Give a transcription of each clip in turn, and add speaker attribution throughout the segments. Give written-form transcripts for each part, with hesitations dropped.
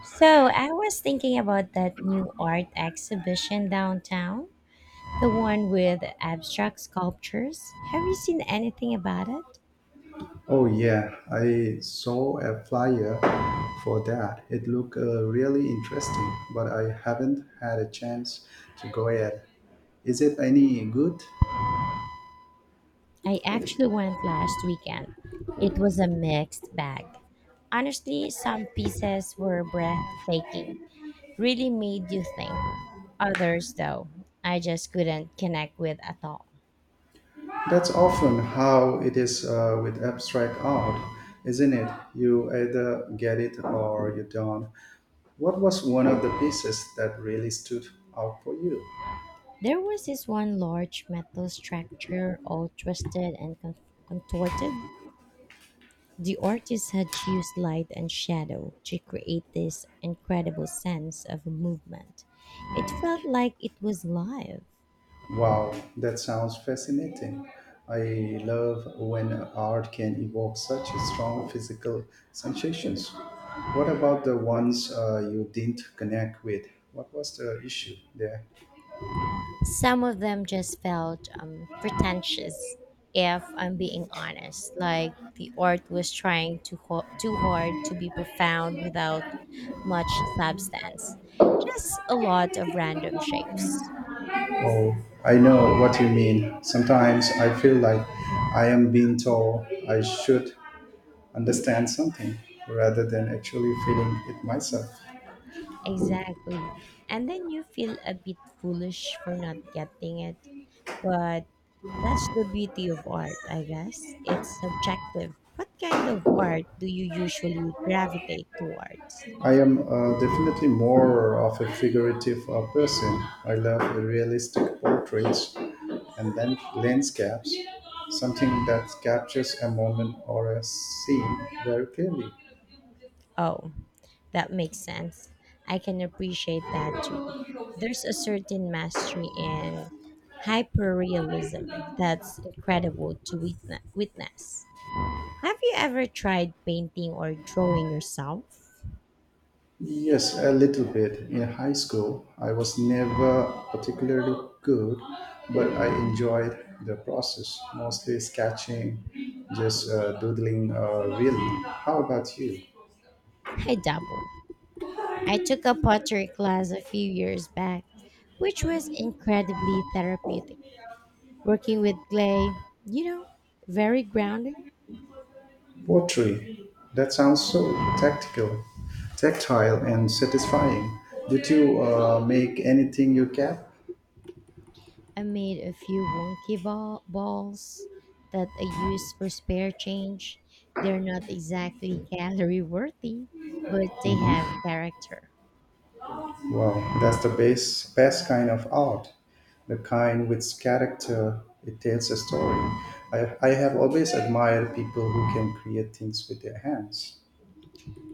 Speaker 1: So I was thinking about that new art exhibition downtown, the one with abstract sculptures. Have you seen anything about it?
Speaker 2: Oh yeah, I saw a flyer for that. It looked really interesting, but I haven't had a chance to go yet. Is it any good?
Speaker 1: I actually went last weekend. It was a mixed bag. Honestly, some pieces were breathtaking, really made you think. Others, though, I just couldn't connect with at all.
Speaker 2: That's often how it is with abstract art, isn't it? You either get it or you don't. What was one of the pieces that really stood out for you?
Speaker 1: There was this one large metal structure all twisted and contorted. The artist had used light and shadow to create this incredible sense of movement. It felt like it was live.
Speaker 2: Wow, that sounds fascinating. I love when art can evoke such strong physical sensations. What about the ones you didn't connect with? What was the issue there?
Speaker 1: Some of them just felt pretentious, if I'm being honest, like the art was trying too hard to be profound without much substance.
Speaker 2: Oh,
Speaker 1: Just a lot of random shapes.
Speaker 2: I know what you mean. Sometimes I feel like I am being told I should understand something rather than actually feeling it myself.
Speaker 1: Exactly. And then you feel a bit foolish for not getting it. But that's the beauty of art, I guess. It's subjective. What kind of art do you usually gravitate towards?
Speaker 2: I am definitely more of a figurative person. I love realistic portraits and then landscapes, something that captures a moment or a scene very clearly.
Speaker 1: Oh, that makes sense. I can appreciate that too. There's a certain mastery in hyperrealism that's incredible to witness. Have you ever tried painting or drawing yourself?
Speaker 2: Yes, a little bit. In high school, I was never particularly good, but I enjoyed the process, mostly sketching, just doodling really. How about you?
Speaker 1: I dabble. I took a pottery class a few years back, which was incredibly therapeutic. Working with clay, you know, very grounding.
Speaker 2: Pottery. That sounds so tactical, tactile, and satisfying. Did you make anything you kept?
Speaker 1: I made a few wonky balls that I use for spare change. They're not exactly gallery worthy, but they have
Speaker 2: Mm-hmm.
Speaker 1: character.
Speaker 2: Wow, that's the best kind of art, the kind with character. It tells a story. I have always admired people who can create things with their hands.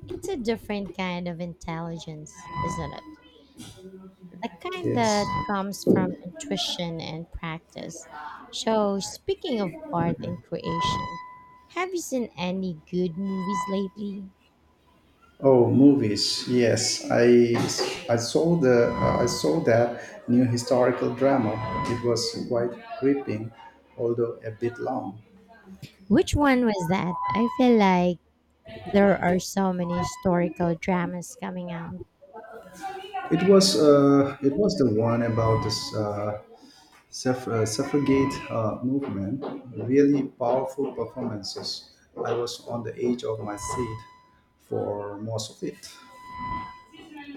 Speaker 1: It's a different kind of intelligence, isn't it? The kind
Speaker 2: Yes.
Speaker 1: that comes from intuition and practice. So, speaking of art and creation, have you seen any good movies lately?
Speaker 2: Oh, movies. Yes, I saw the I saw that new historical drama. It was quite gripping, although a bit long.
Speaker 1: Which one was that? I feel like there are so many historical dramas coming out.
Speaker 2: It was the one about this suffragette movement, really powerful performances. I was on the edge of my seat for most of it.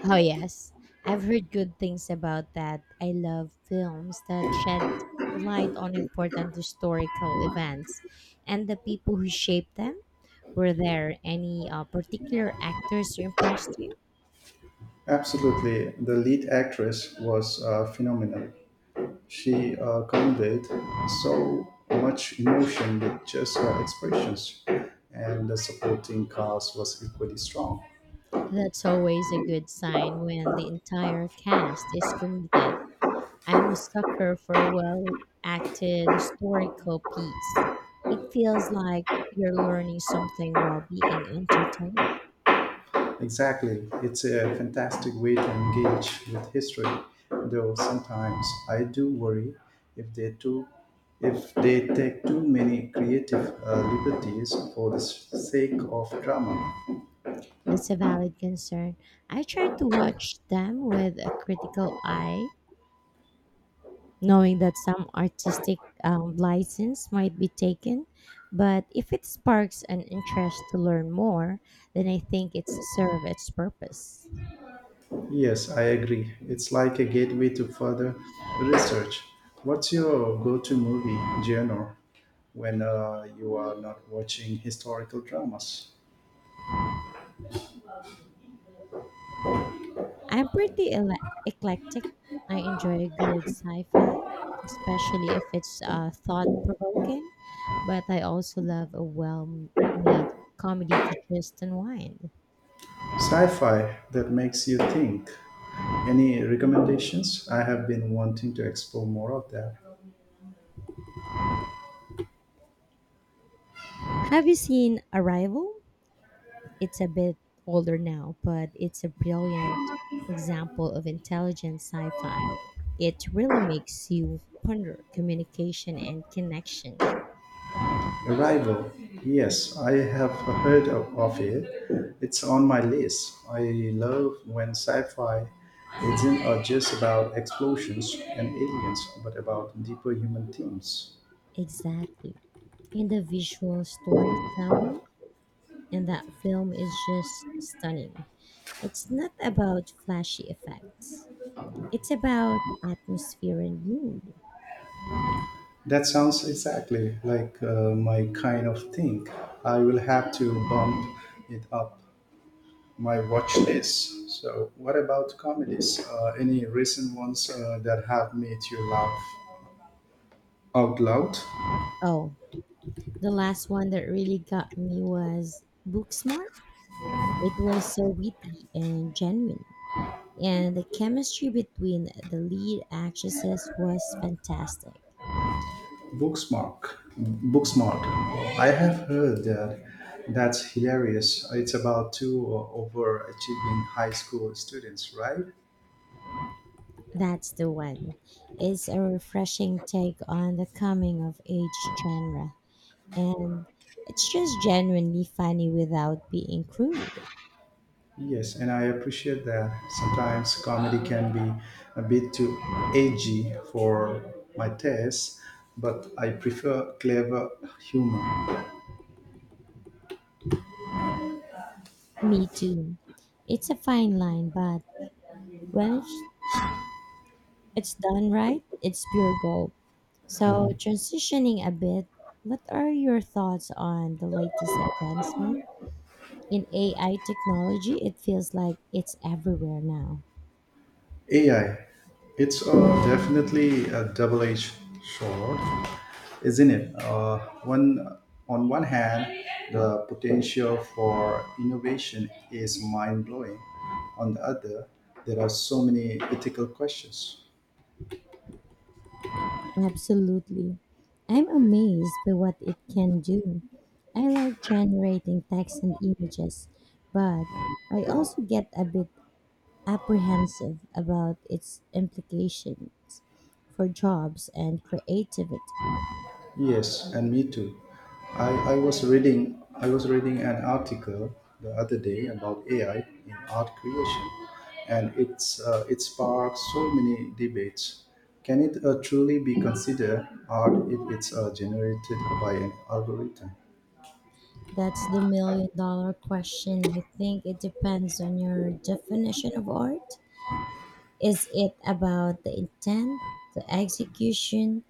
Speaker 1: Oh, yes. I've heard good things about that. I love films that shed light on important historical events and the people who shaped them. Were there any particular actors who impressed you?
Speaker 2: Absolutely, the lead actress was phenomenal. She conveyed so much emotion with just her expressions, and the supporting cast was equally strong.
Speaker 1: That's always a good sign when the entire cast is committed. I'm a sucker for a well acted historical piece. It feels like you're learning something while being entertained.
Speaker 2: Exactly. It's a fantastic way to engage with history, though sometimes I do worry if they too if they take too many creative liberties for the sake of drama.
Speaker 1: That's a valid concern. I try to watch them with a critical eye, knowing that some artistic license might be taken. But if it sparks an interest to learn more, then I think it's served its purpose.
Speaker 2: Yes, I agree. It's like a gateway to further research. What's your go-to movie genre when you are not watching historical dramas?
Speaker 1: I'm pretty eclectic. I enjoy a good sci-fi, especially if it's thought-provoking. But I also love a well-made comedy to just unwind.
Speaker 2: Sci-fi that makes you think. Any recommendations? I have been wanting to explore more of that.
Speaker 1: Have you seen Arrival? It's a bit older now, but it's a brilliant example of intelligent sci fi. It really makes you ponder communication and connection.
Speaker 2: Arrival. Yes, I have heard of it. It's on my list. I love when sci-fi isn't just about explosions and aliens, but about deeper human themes.
Speaker 1: Exactly. And the visual storytelling in that film is just stunning. It's not about flashy effects, it's about atmosphere and mood.
Speaker 2: That sounds exactly like my kind of thing. I will have to bump it up my watch list. So, what about comedies? Any recent ones that have made you laugh out loud?
Speaker 1: Oh, the last one that really got me was Booksmart. It was so witty and genuine and the chemistry between the lead actresses was fantastic.
Speaker 2: Booksmart. Booksmart. I have heard that. That's hilarious. It's about two overachieving high school students, right?
Speaker 1: That's the one. It's a refreshing take on the coming of age genre, and it's just genuinely funny without being crude.
Speaker 2: Yes, and I appreciate that. Sometimes comedy can be a bit too edgy for my taste, but I prefer clever humor.
Speaker 1: Me too. It's a fine line, but when it's done right, it's pure gold. So, transitioning a bit, what are your thoughts on the latest advancement? In AI technology, it feels like it's everywhere now.
Speaker 2: AI, it's definitely a double-edged sword, isn't it? One, on one hand, the potential for innovation is mind-blowing. On the other, there are so many ethical questions.
Speaker 1: Absolutely. I'm amazed by what it can do. I like generating text and images, but I also get a bit apprehensive about its implications for jobs and creativity.
Speaker 2: Yes, and me too. I was reading an article the other day about AI in art creation, and it sparked so many debates. Can it truly be considered art if it's generated by an algorithm?
Speaker 1: That's the million-dollar question. I think it depends on your definition of art. Is it about the intent, the execution,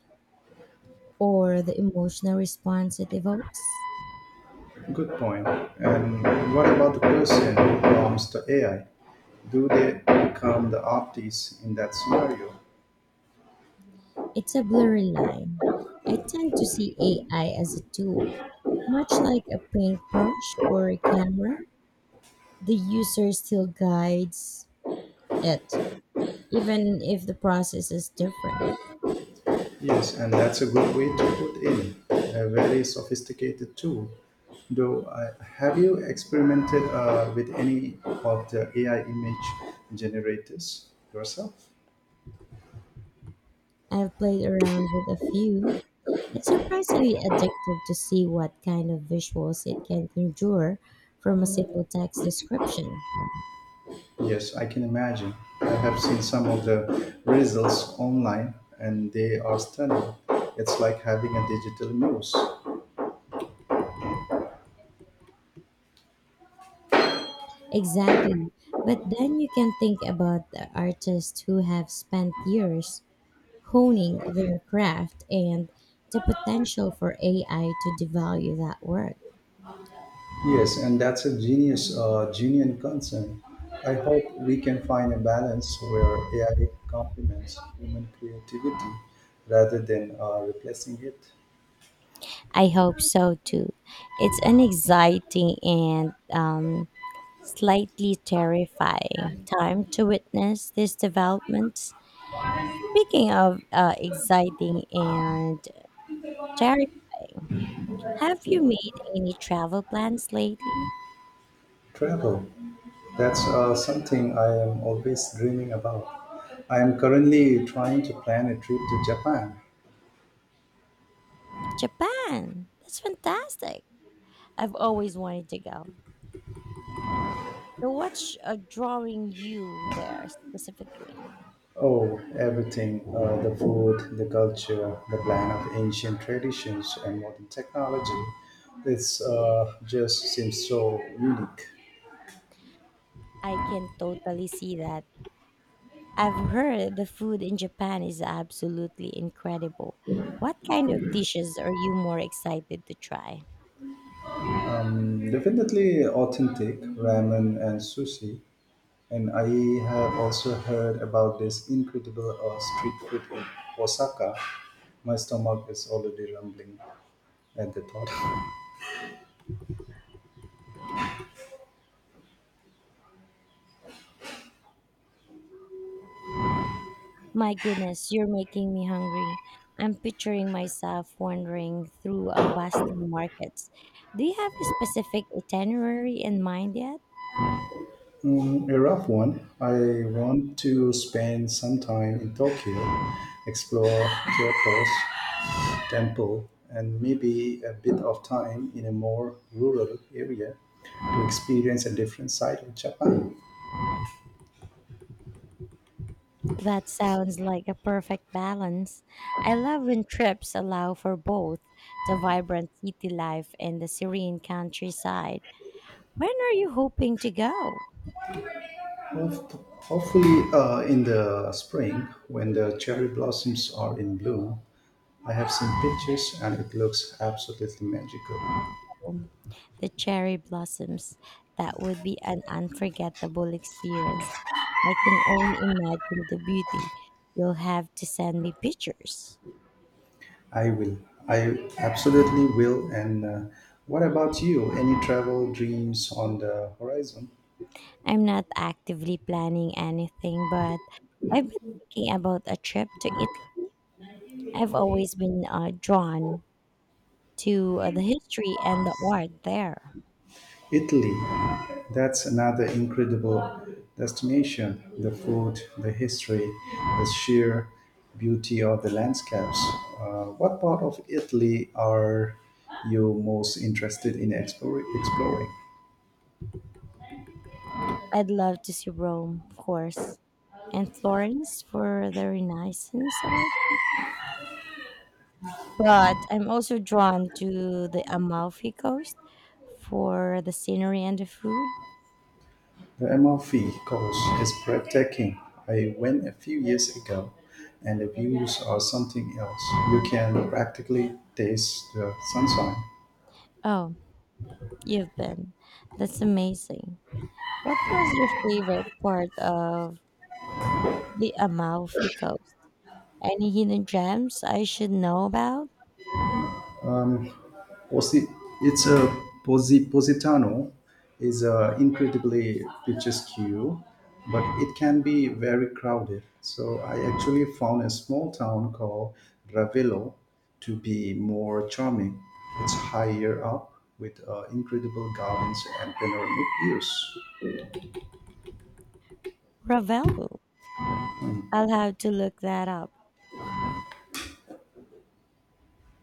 Speaker 1: or the emotional response it evokes.
Speaker 2: Good point. And what about the person who prompts the AI? Do they become the artists in that scenario?
Speaker 1: It's a blurry line. I tend to see AI as a tool, much like a paintbrush or a camera. The user still guides it, even if the process is different.
Speaker 2: Yes, and that's a good way to put in a very sophisticated tool. Though, have you experimented with any of the AI image generators yourself?
Speaker 1: I've played around with a few. It's surprisingly addictive to see what kind of visuals it can conjure from a simple text description.
Speaker 2: Yes, I can imagine. I have seen some of the results online and they are stunning. It's like having a digital muse.
Speaker 1: Exactly. But then you can think about the artists who have spent years honing their craft and the potential for AI to devalue that work.
Speaker 2: Yes, and that's a genuine concern. I hope we can find a balance where AI complements human creativity rather than replacing it.
Speaker 1: I hope so too. It's an exciting and slightly terrifying time to witness these developments. Speaking of exciting and terrifying, have you made any travel plans lately?
Speaker 2: Travel, that's something I am always dreaming about. I am currently trying to plan a trip to Japan.
Speaker 1: Japan! That's fantastic! I've always wanted to go. So what's drawing you there specifically?
Speaker 2: Oh, everything the food, the culture, the blend of ancient traditions and modern technology. It's just seems so unique.
Speaker 1: I can totally see that. I've heard the food in Japan is absolutely incredible. What kind of dishes are you more excited to try?
Speaker 2: Definitely authentic ramen and sushi. And I have also heard about this incredible street food in Osaka. My stomach is already rumbling at the thought.
Speaker 1: My goodness, you're making me hungry. I'm picturing myself wandering through a bustling markets. Do you have a specific itinerary in mind yet?
Speaker 2: Mm, a rough one. I want to spend some time in Tokyo, explore Kyoto's temple, and maybe a bit of time in a more rural area to experience a different side of Japan.
Speaker 1: That sounds like a perfect balance. I love when trips allow for both the vibrant city life and the serene countryside. When are you hoping to go?
Speaker 2: Hof- Hopefully, in the spring when the cherry blossoms are in bloom. I have seen pictures and it looks absolutely magical.
Speaker 1: The cherry blossoms. That would be an unforgettable experience. I can only imagine the beauty. You'll have to send me pictures.
Speaker 2: I will. I absolutely will. And what about you? Any travel dreams on the horizon?
Speaker 1: I'm not actively planning anything, but I've been thinking about a trip to Italy. I've always been drawn to the history and the art there.
Speaker 2: Italy, that's another incredible destination. The food, the history, the sheer beauty of the landscapes. What part of Italy are you most interested in exploring?
Speaker 1: I'd love to see Rome, of course, and Florence for the Renaissance art. But I'm also drawn to the Amalfi Coast for the scenery and the food.
Speaker 2: The Amalfi Coast is breathtaking. I went a few years ago, and the views are something else. You can practically taste the sunshine.
Speaker 1: Oh, you've been. That's amazing. What was your favorite part of the Amalfi Coast? Any hidden gems I should know about?
Speaker 2: Posi- it's a Positano is incredibly picturesque, but it can be very crowded. So I actually found a small town called Ravello to be more charming. It's higher up with incredible gardens and panoramic views.
Speaker 1: Ravello. I'll have to look that up.